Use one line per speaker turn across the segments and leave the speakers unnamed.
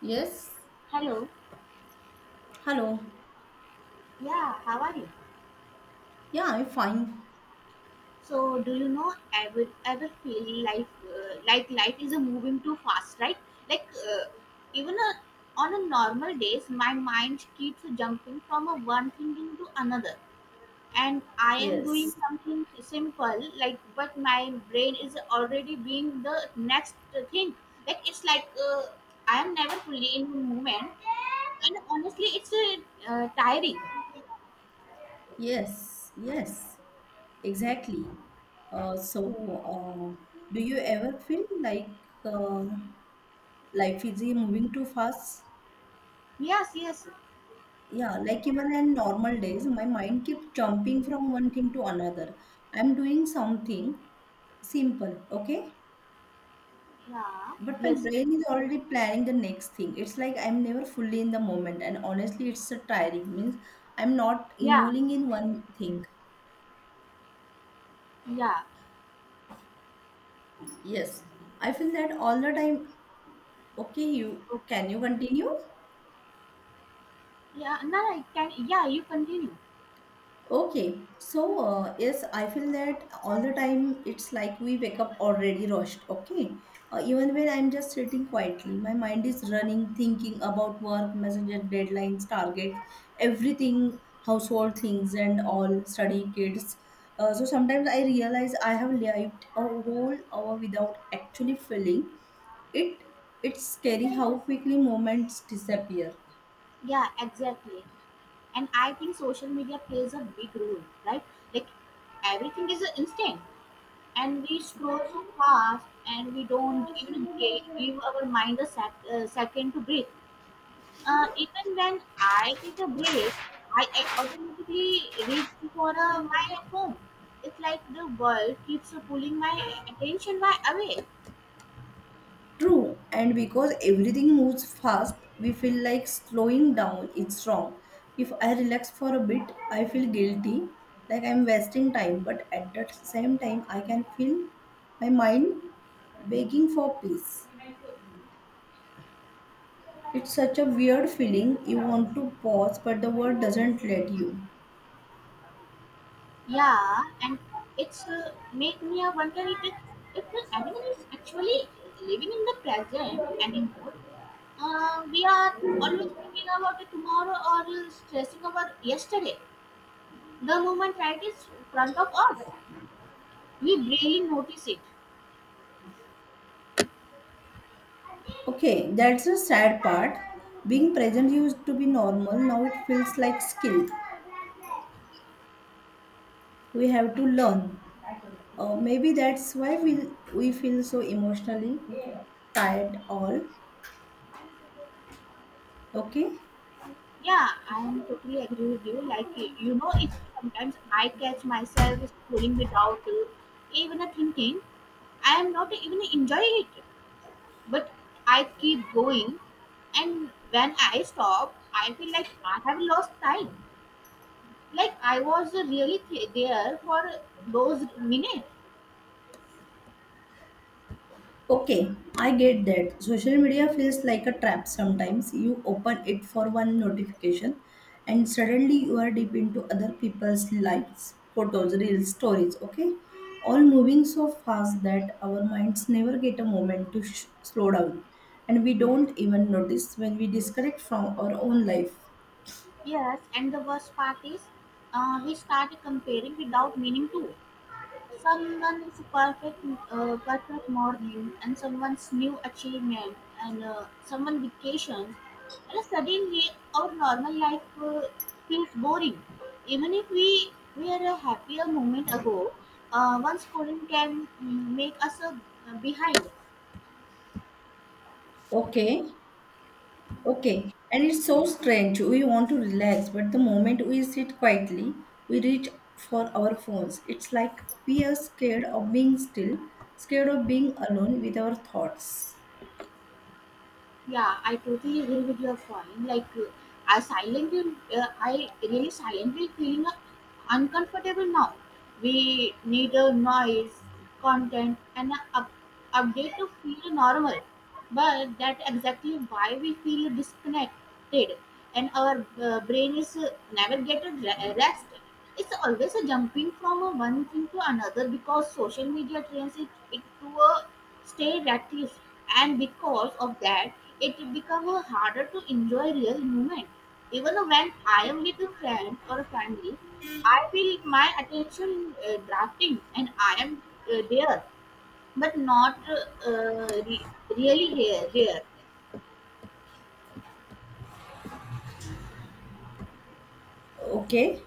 Yes.
Hello.
Hello.
Yeah, how are you?
Yeah, I'm fine.
So, do you know ever feel life, like life is a moving too fast, right? Like, uh, even a, on a normal days, my mind keeps jumping from a one thing into another, and I am doing
Yes.
something simple like, but my brain is already being the next thing. Like it's like, I am never fully in the moment, and honestly, it's tiring.
Yes. Yes. Exactly. So, do you ever feel like life is moving too fast?
Yes, yes,
Yeah, like even in normal days, my mind keeps jumping from one thing to another. I'm doing something simple, okay?
yeah,
But my
yes.
brain is already planning the next thing. It's like I'm never fully in the moment, and honestly, it's so tiring. Means I'm not
Yeah,
involving in one thing.
yeah.
Yes, I feel that all the time. Okay, you
o-
can you continue?
Yeah. No, I can. Yeah, you continue.
Okay, so yes, I feel that all the time. It's like we wake up already rushed. Okay, even when I'm just sitting quietly, my mind is running, thinking about work, messenger deadlines, targets, everything, household things, and all study kids. So sometimes I realize I have lived a whole hour without actually feeling it. It's scary how quickly moments disappear.
Yeah, exactly. And I think social media plays a big role, right? Like everything is instant, and we scroll so fast, and we don't even give our mind a second to breathe. Even when I take a break, I automatically reach for my phone. It's like the world keeps pulling my attention my away.
True, and because everything moves fast, we feel like slowing down is wrong. If I relax for a bit, I feel guilty, like I'm wasting time, but at the same time, I can feel my mind begging for peace. It's such a weird feeling. You want to pause, but the world doesn't let you.
Yeah, and it's make me a wonder it, if the animal is actually living in the present anymore. We are always thinking about the tomorrow or stressing over yesterday. The moment right is in front of us, we barely notice it.
Okay, that's the sad part. Being present used to be normal, now it feels like skill. We have to learn. Maybe that's why we feel so emotionally tired all, okay.
Yeah, I am totally agree with you. Like, you know, if sometimes I catch myself scrolling without even a thinking, I am not even enjoying it. But I keep going. And when I stop, I feel like I have lost time. Like I was really there for those minutes.
Okay, I get that social media feels like a trap. Sometimes you open it for one notification, and suddenly you are deep into other people's lives, photos, real stories, okay, all moving so fast that our minds never get a moment to slow down, and we don't even notice when we disconnect from our own life.
Yes, and the worst part is, we start comparing without meaning to. Someone is a perfect, perfect morning and someone's new achievement and, someone vacations and suddenly our normal life feels boring even if we were a happier moment ago. One scolding can make us behind.
Okay. Okay, and it's so strange. We want to relax, but the moment we sit quietly, we reach for our phones. It's like we are scared of being still, scared of being alone with our thoughts.
Yeah, I totally agree with your point. Like, I really silently feeling uncomfortable now. We need a noise, content, and a update to feel normal. But that's exactly why we feel disconnected, and our brain is never get a rest. It's always a jumping from one thing to another because social media trains it to a stay practiced, and because of that it becomes harder to enjoy real movement. Even when I am with a friend or a family, I feel my attention drafting and I am there, but not really here, there.
Okay,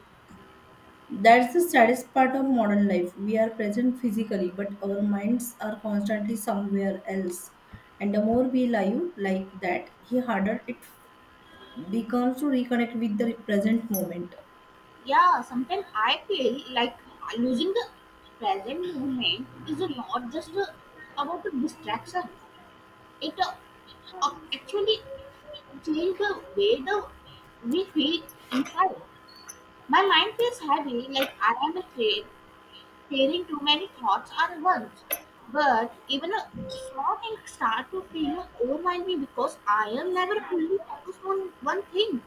that's the saddest part of modern life. We are present physically, but our minds are constantly somewhere else. And the more we live like that, the harder it becomes to reconnect with the present moment.
Yeah, sometimes I feel like losing the present moment is not just about a distraction, it actually change the way the we feel in fire. My mind feels heavy, like I am afraid, carrying too many thoughts at once. But even a small thing start to feel overwhelming because I am never fully focused on one thing.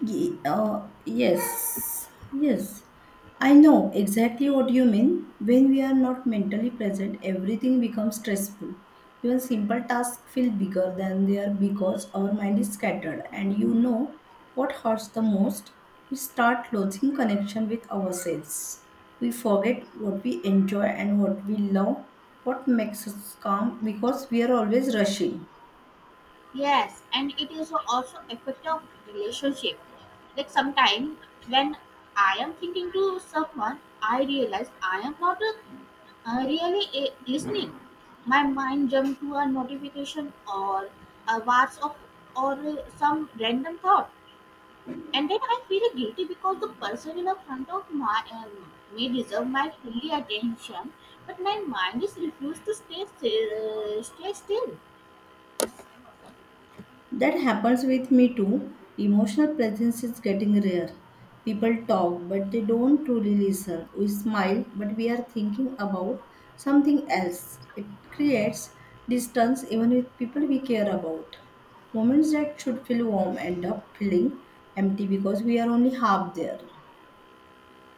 Yes, yes. I know exactly what you mean. When we are not mentally present, everything becomes stressful. Even simple tasks feel bigger than they are because our mind is scattered. And you know what hurts the most? We start losing connection with ourselves. We forget what we enjoy and what we love, what makes us calm because we are always rushing.
Yes, and it is also effect of relationship. Like sometimes when I am thinking to someone, I realize I am not a, really listening. My mind jumped to a notification or a WhatsApp or some random thought, and then I feel guilty because the person in the front of my, may deserve my fully attention, but my mind is refused to stay still. Stay still.
That happens with me too. Emotional presence is getting rare. People talk, but they don't truly listen. We smile, but we are thinking about something else. It creates distance even with people we care about. Moments that should feel warm end up feeling empty because we are only half there.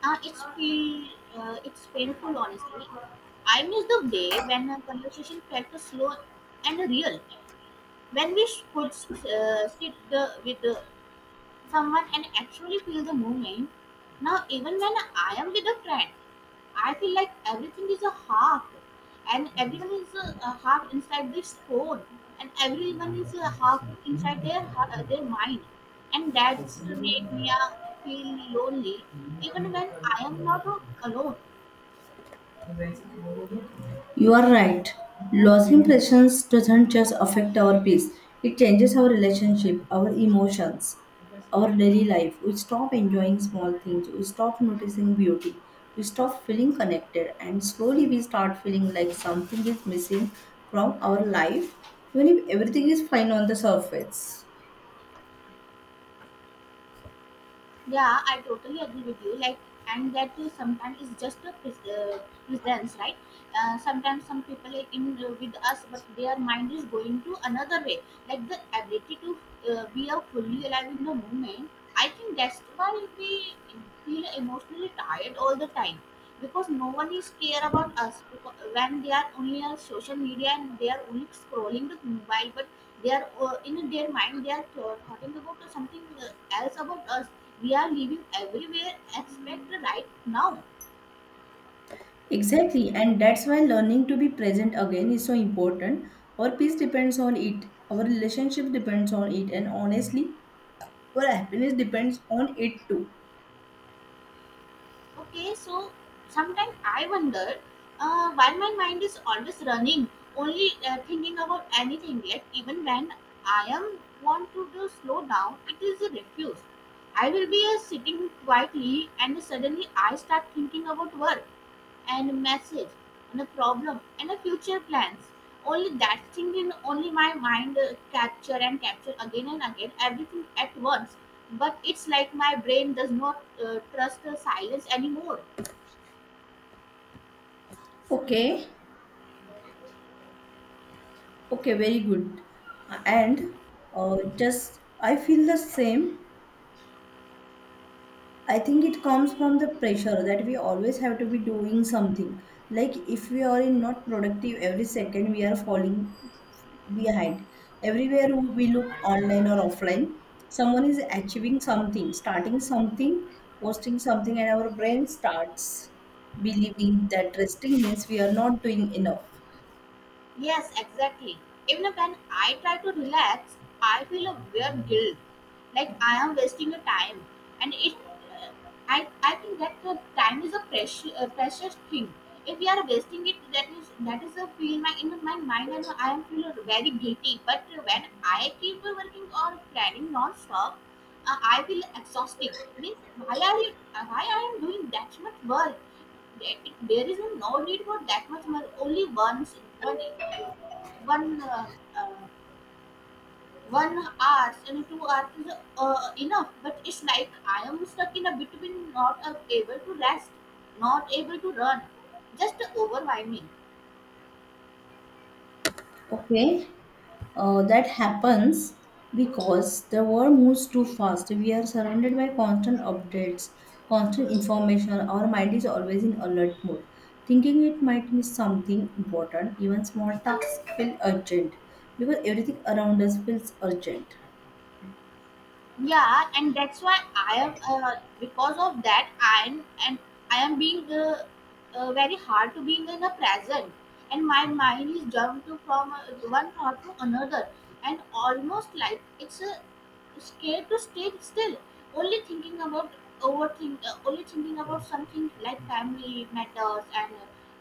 Uh, it's feel it's painful, honestly. I miss the day when a conversation felt slow and real, when we could sit with the someone and actually feel the moment. Now, even when I am with a friend, I feel like everything is a half, and everyone is a half inside this phone, and everyone is a half inside their their mind, and that's make me feel lonely, even when I am not alone.
You are right. Loss impressions doesn't just affect our peace, it changes our relationship, our emotions, our daily life. We stop enjoying small things, we stop noticing beauty, we stop feeling connected, and slowly we start feeling like something is missing from our life, even if everything is fine on the surface.
Yeah, I totally agree with you. Like, and that is sometimes is just a presence, right? Sometimes some people are in, with us, but their mind is going to another way. Like the ability to be a fully alive in the moment. I think that's why we feel emotionally tired all the time because no one is care about us because when they are only on social media and they are only scrolling the mobile, but they are, in their mind they are thinking about something else about us. We are living everywhere except right now.
Exactly, and that's why learning to be present again is so important. Our peace depends on it, our relationship depends on it, and honestly, your happiness depends on it too.
Okay, so sometimes I wonder why my mind is always running, only thinking about anything yet even when I am want to do slow down it is a refuse. I will be sitting quietly and suddenly I start thinking about work and a message and a problem and a future plans. Only that thing in only my mind capture and capture again and again everything at once. But it's like my brain does not trust the silence anymore.
Okay, okay, very good. And just I feel the same. I think it comes from the pressure that we always have to be doing something. Like if we are in not productive every second, we are falling behind. Everywhere we look online or offline, someone is achieving something, starting something, posting something, and our brain starts believing that resting means we are not doing enough.
Yes, exactly. Even when I try to relax, I feel a weird guilt, like I am wasting your time. And it, uh, I think that the time is a precious, precious thing. If we are wasting it, that is a feel my in my mind, and I am feel very guilty. But when I keep working or planning non-stop, I feel exhausted. Means why are you? Why I am doing that much work? There there is no need for that much money. Only one uh, one uh, uh, 1 hours and 2 hours is enough. But it's like I am stuck in a between, not able to rest, not able to run, just overwhelming.
Okay, that happens because the world moves too fast. We are surrounded by constant updates, constant information. Our mind is always in alert mode, thinking it might miss something important. Even small tasks feel urgent because everything around us feels urgent.
Yeah, and that's why I am because of that I am being very hard to being in the present, and my mind is jumped to from one thought to another and almost like it's scared to stay still, only thinking about only thinking about something like family matters and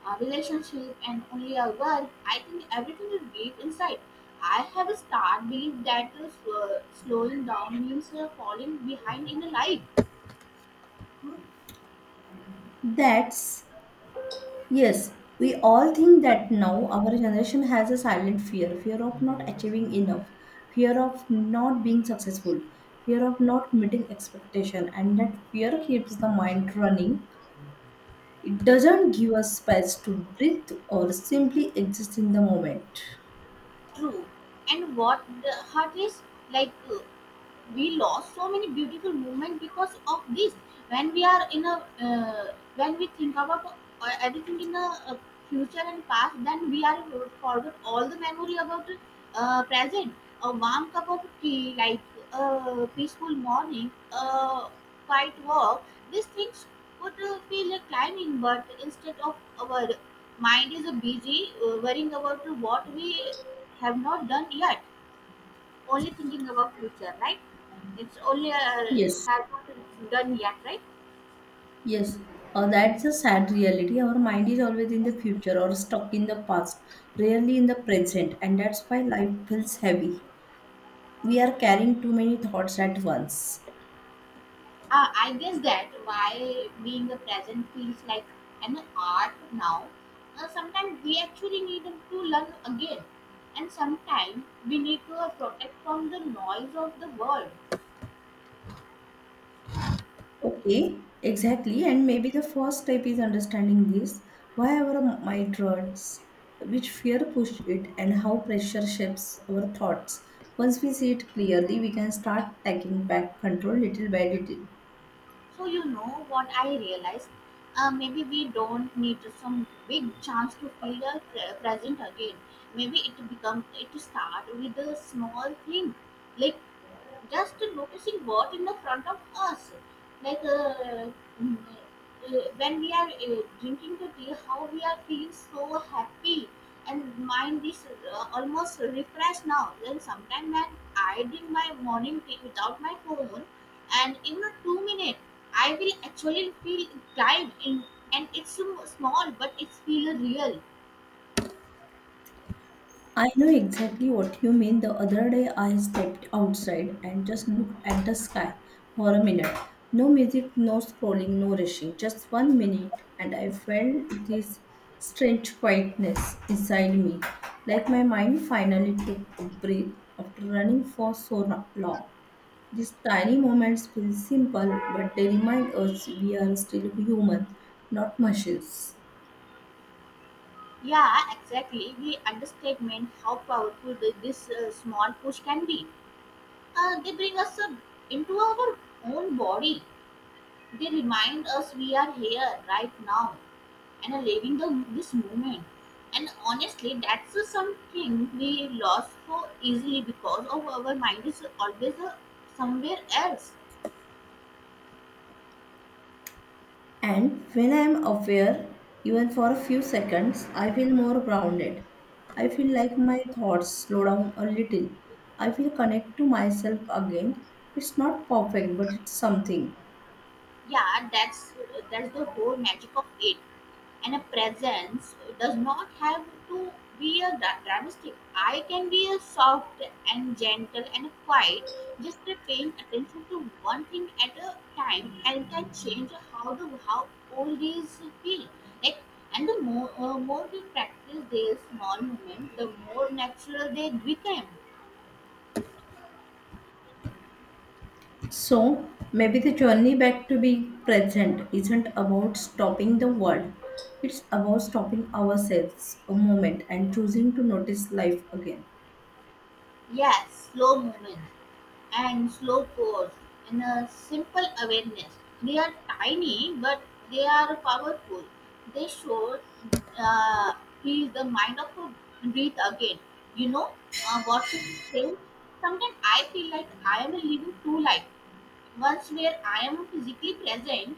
relationship and only a work. I think everything is deep inside. I have a stark belief that slowing down means falling behind in life.
That's, yes, we all think that now our generation has a silent fear of not achieving enough, fear of not being successful, fear of not meeting expectation, and that fear keeps the mind running. It doesn't give us space to breathe or simply exist in the moment.
True. And what the heart is like. We lost so many beautiful movement because of this, when we think about everything uh future and past, then we are forget all the memory about present, a warm cup of tea, like a peaceful morning, a quiet walk. These things could feel like climbing, but instead of our mind is busy worrying about what we have not done yet, only thinking about future, right? It's only
Yes,
has not done yet, right?
yes. That's a sad reality. Our mind is always in the future or stuck in the past, rarely in the present, and that's why life feels heavy. We are carrying too many thoughts at once.
I guess that why being the present feels like an art now. Sometimes we actually need to learn again, and sometimes we need to protect from the noise of the world.
Okay, exactly. And maybe the first step is understanding this. Why our mind runs, which fear push it, and how pressure shapes our thoughts. Once we see it clearly, we can start taking back control little by little.
So you know what I realized? Maybe we don't need some big chance to feel the present again. Maybe it start with a small thing, like just noticing what in the front of us, like mm, uh, when we are drinking the tea how we are feeling so happy and mind is almost refreshed now. Then sometime when I drink my morning tea without my phone and in a 2 minutes I will actually feel tired in, and it's so small but it's feel real.
I know exactly what you mean. The other day I stepped outside and just looked at the sky for a minute. No music, no scrolling, no rushing. Just 1 minute, and I felt this strange quietness inside me, like my mind finally took a breath after running for so long. These tiny moments feel simple, but they remind us we are still human, not machines.
Yeah, exactly. We understatement how powerful this small push can be. They bring us up into our own body. They remind us we are here right now and are living this moment. And honestly, that's something we lost so easily because of our mind is always somewhere else.
And when I am aware, even for a few seconds, I feel more grounded. I feel like my thoughts slow down a little. I feel connect to myself again. It's not perfect, but it's something.
Yeah, that's the whole magic of it, and a presence does not have to be a dramatic. I can be a soft and gentle and quiet, just by paying attention to one thing at a time and can change how the how all these feel like. And the more we practice these small moments the more natural they become.
So maybe the journey back to be present isn't about stopping the world. It's about stopping ourselves a moment and choosing to notice life again.
Yes, slow movement and slow pause and a simple awareness. They are tiny, but they are powerful. They show uh, is the mind of a breathe again. You know, Watching film. Sometimes I feel like I am living two life. Once where I am physically present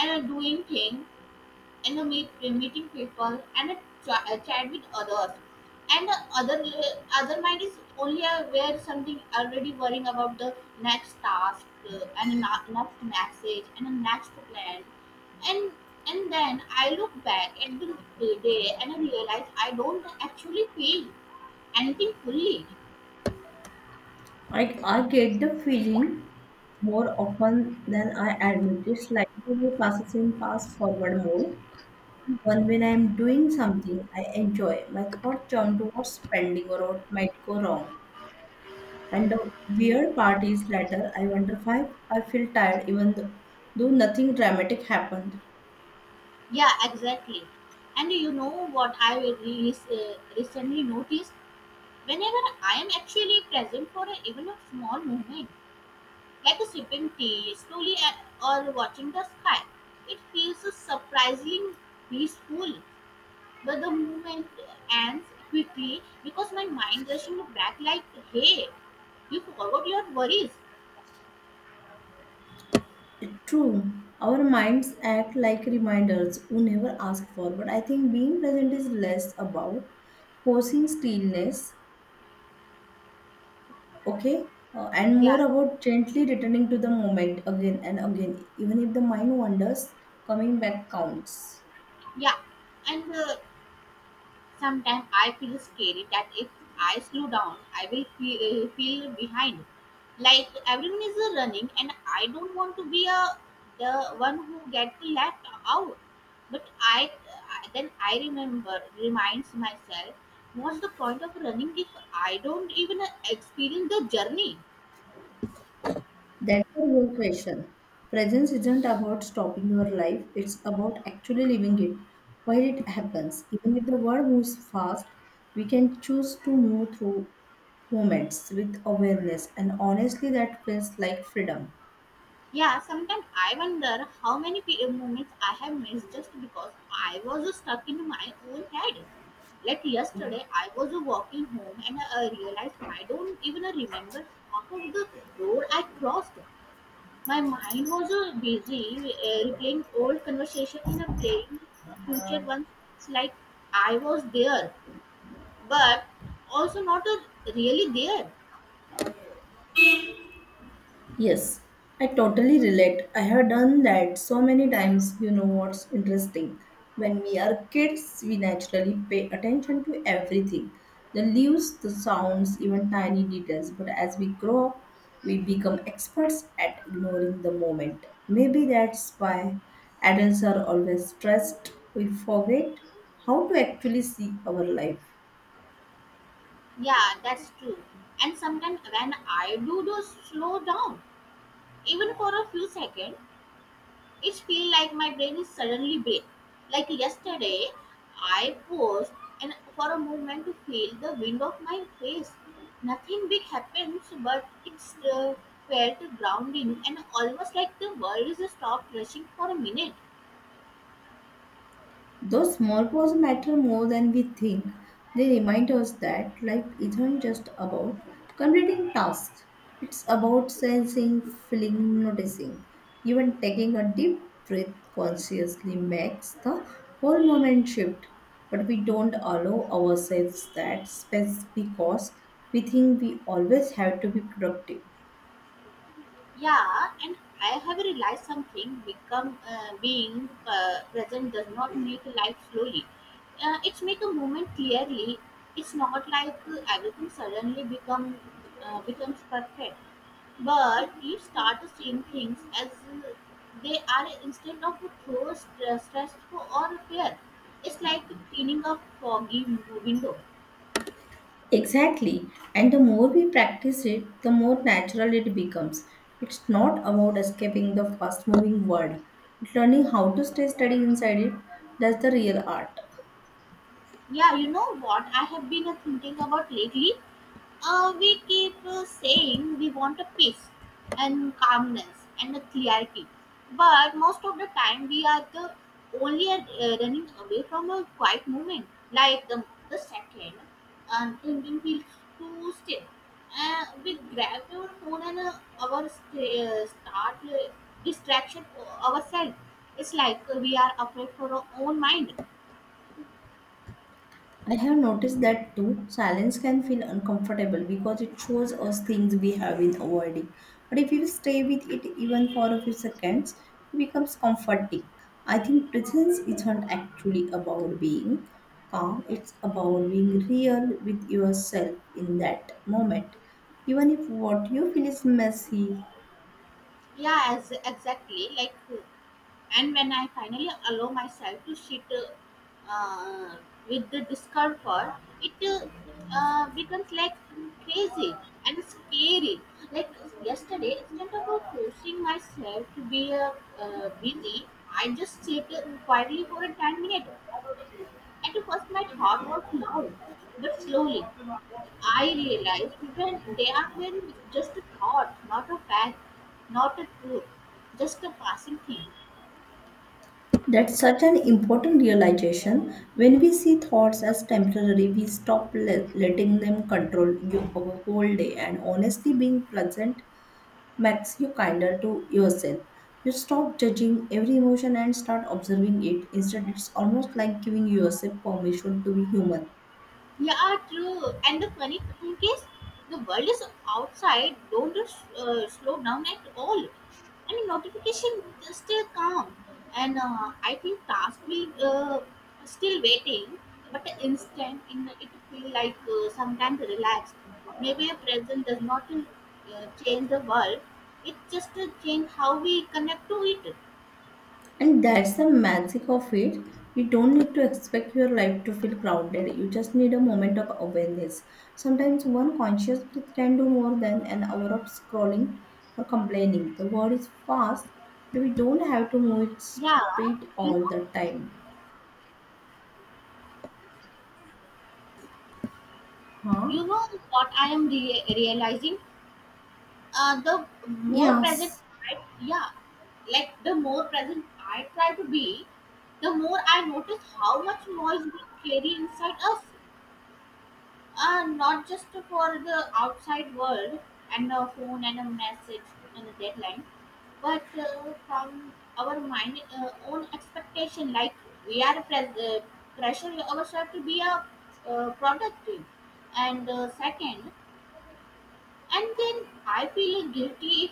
and doing things, animate, meeting people, and a chat with others. And the other mind is only aware something already worrying about the next task and the next message and the next plan. And and then I look back at the day and I realize I don't actually feel anything fully.
I get the feeling more often than I admit. It's like my passes in pass forward mode. Even when I'm doing something I enjoy, my thoughts jump towards spending or what might go wrong. And the weird part is later, I wonder why I feel tired even though nothing dramatic happened.
Yeah, exactly. And you know what I recently noticed? Whenever I am actually present for even a small moment, like sipping tea slowly at, or watching the sky. It feels surprisingly peaceful, but the movement ends quickly because my mind rushing back like, hey, you forgot your worries.
It's true. Our minds act like reminders who never ask for. But I think being present is less about forcing stillness. Okay. And
Yeah,
more about gently returning to the moment again and again. Even if the mind wanders, coming back counts.
yeah. And Sometimes I feel scary that if I slow down, I will feel, feel behind. Like everyone is running, and I don't want to be a the one who gets left out. But I then I remember reminds myself, what's the point of running if I don't even experience the journey?
That's the real question. Presence isn't about stopping your life, it's about actually living it while it happens. Even if the world moves fast, we can choose to move through moments with awareness, and honestly, that feels like freedom.
Yeah, sometimes I wonder how many moments I have missed just because I was stuck in my own head. Like yesterday, I was walking home and I realized I don't even remember half of the road I crossed. My mind was busy replaying old conversation and playing future ones. It's like I was there, but also not really there.
Yes, I totally relate. I have done that so many times. You know what's interesting? When we are kids, we naturally pay attention to everything, the leaves, the sounds, even tiny details. But as we grow up, we become experts at ignoring the moment. Maybe that's why adults are always stressed. We forget how to actually see our life.
Yeah, that's true. And sometimes when I do slow down, even for a few seconds, it feels like my brain is suddenly blank. Like yesterday, I paused and for a moment to feel the wind of my face. Nothing big happens, but it's felt grounding and almost like the world is stopped rushing for a minute.
Though small pause matter more than we think, they remind us that life isn't just about completing tasks. It's about sensing, feeling, noticing. Even taking a deep breath consciously makes the whole moment shift. But we don't allow ourselves that space because we think we always have to be productive.
Yeah, and I have realized something. Become being Present does not make life slowly. It's make a moment clearly. It's not like everything suddenly becomes perfect. But you start seeing things as they are instead of through stressful or fear. It's like cleaning a foggy window.
Exactly. And the more we practice it, the more natural it becomes. It's not about escaping the fast moving world, but learning how to stay steady inside it. That's the real art.
Yeah, you know what I have been thinking about lately? We keep saying we want a peace and calmness and a clarity, but most of the time we are the only running away from a quiet moment, like the second, and thinking feels too still. We grab our phone and start distraction ourselves. It's like we are afraid for our own mind.
I have noticed that too. Silence can feel uncomfortable because it shows us things we have been avoiding. But if you stay with it even for a few seconds, it becomes comforting. I think presence isn't actually about being calm, it's about being real with yourself in that moment, even if what you feel is messy.
Yeah, as exactly like. And when I finally allow myself to sit uh, with the discomfort, it becomes like crazy and scary. Like yesterday, instead of forcing myself to be busy, I just sit quietly for a 10 minutes. At first, my thought was loud, but slowly I realized even they are been just a thought, not a fact, not a truth, just a passing thing.
That's such an important realization. When we see thoughts as temporary, we stop letting them control you our whole day. And honestly, being present makes you kinder to yourself. You stop judging every emotion and start observing it. Instead, it's almost like giving yourself permission to be human.
Yeah, true. And the funny thing is, the world is outside, don't slow down at all. I mean, notification is still come, and I think task will still waiting. But the instant in it feel like sometimes relaxed. Maybe a present does not change the world. It just change how we connect to it.
And that's the magic of it. You don't need to expect your life to feel crowded. You just need a moment of awareness. Sometimes one conscious breath can do more than an hour of scrolling or complaining. The world is fast, but we don't have to move its
Yeah,
speed
you know,
all the time. Huh?
you know what I am realizing? The more present,
Yes.
I, Yeah, like the more present I try to be, the more I notice how much noise we carry inside us, not just for the outside world and a phone and a message and a deadline, but from our mind own expectation. Like we are pressure ourselves to be a productive, and second and then I feel guilty if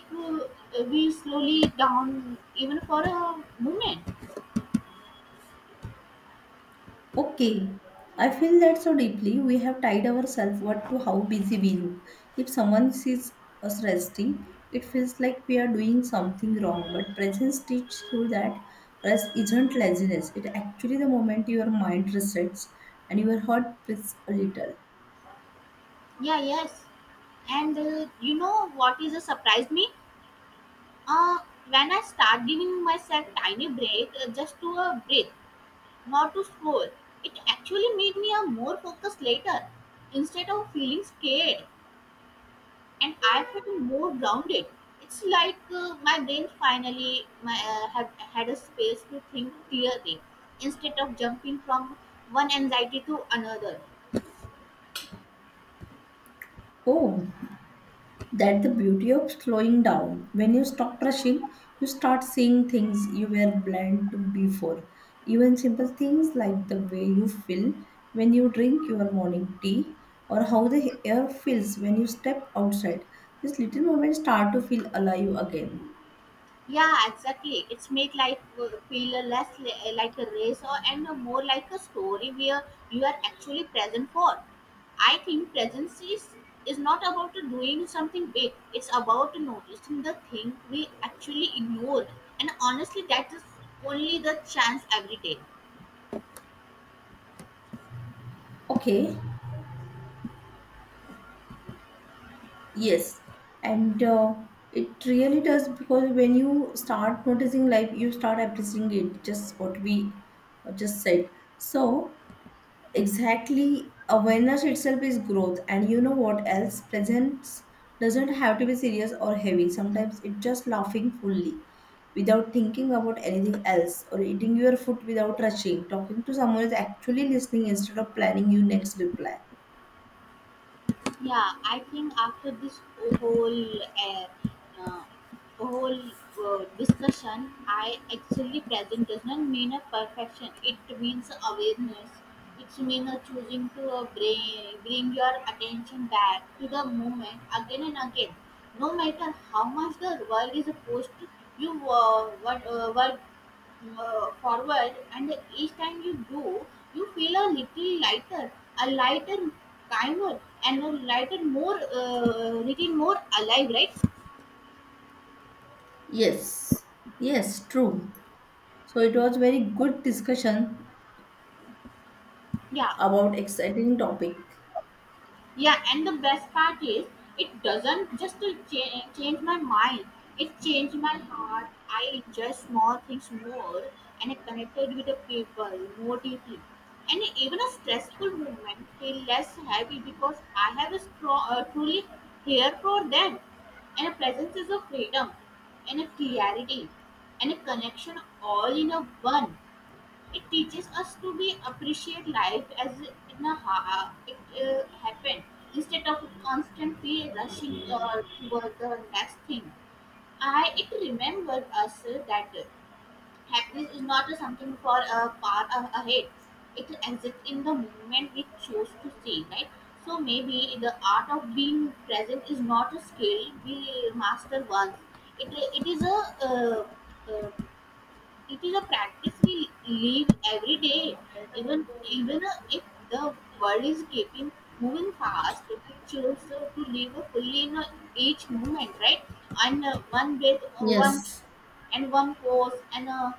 we slowly down even for a moment.
Okay, I feel that so deeply. We have tied ourselves what to how busy we look. If someone sees us resting, it feels like we are doing something wrong. But presence teaches you that rest isn't laziness. It actually the moment your mind resets and your heart beats a little.
Yeah, yes. And you know what is a surprise me? Uh, when I start giving myself tiny break just to breathe, not to scroll, it actually made me a more focused later instead of feeling scared, and I felt more grounded. It's like my brain finally have had a space to think clearly instead of jumping from one anxiety to another.
Oh, that's the beauty of slowing down. When you stop rushing, you start seeing things you were blind to before. Even simple things like the way you feel when you drink your morning tea or how the air feels when you step outside. These little moments start to feel alive again.
Yeah, exactly. It's make life like a race or and more like a story where you are actually present for. I think presence is not about doing something big. It's about noticing the thing we actually ignore. And honestly, that is only the chance every day.
Okay, yes. And it really does because when you start noticing life, you start appreciating it, just what we just said. So, exactly. Awareness itself is growth. And you know what else? Presence doesn't have to be serious or heavy. Sometimes it's just laughing fully without thinking about anything else or eating your food without rushing. Talking to someone is actually listening instead of planning your next reply.
Yeah, I think after this whole uh, uh, whole discussion, I actually present does not mean a perfection. It means awareness. It means a choosing to bring your attention back to the moment again and again. No matter how much the world is opposed, you work forward, and each time you do you feel a little lighter, a lighter, kinder, and a lighter more little more alive, right?
Yes, yes, true. So it was very good discussion
Yeah,
about exciting topic.
Yeah, and the best part is, it doesn't just to change my mind, it changed my heart. I enjoy small things more and I connected with the people more deeply. And even a stressful moment feel less heavy because I have a strong, truly here for them. And a presence is a freedom and a clarity and a connection all in a one. It teaches us to be appreciate life as it happened instead of constantly rushing toward the next thing. I it remembered us that happiness is not something for ahead. It exists in the moment we choose to see, right? So maybe the art of being present is not a skill we master once. It is a uh, uh, it is a practice we live every day, even even if the world is keeping moving fast. We choose to live fully in each moment, right? And one
Yes,
and one pause, and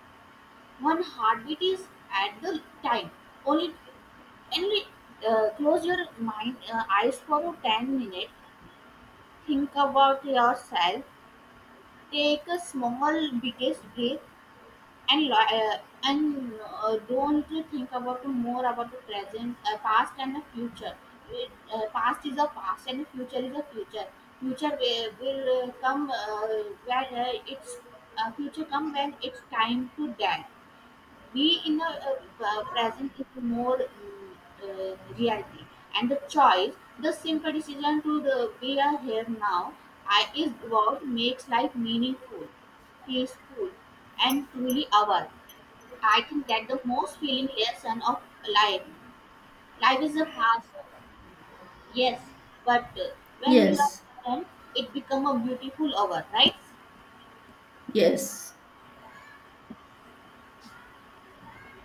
one heartbeat is at the time. Only, Only close your mind eyes for 10 minutes. Think about yourself. Take a small, biggest breath and and don't you think about more about the present, past and the future. Past is a past and the future is a future. Will come when it's future come when it's time to die. Be in the present is more reality and the choice. The simple decision to the we are here now is what makes life meaningful, peaceful, and truly ours. I think that the most feeling lesson of life. Life is a fast, yes, but when you are
yes,
present, it become a beautiful hour, right?
yes.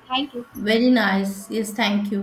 Thank you.
Very nice. Yes, thank you.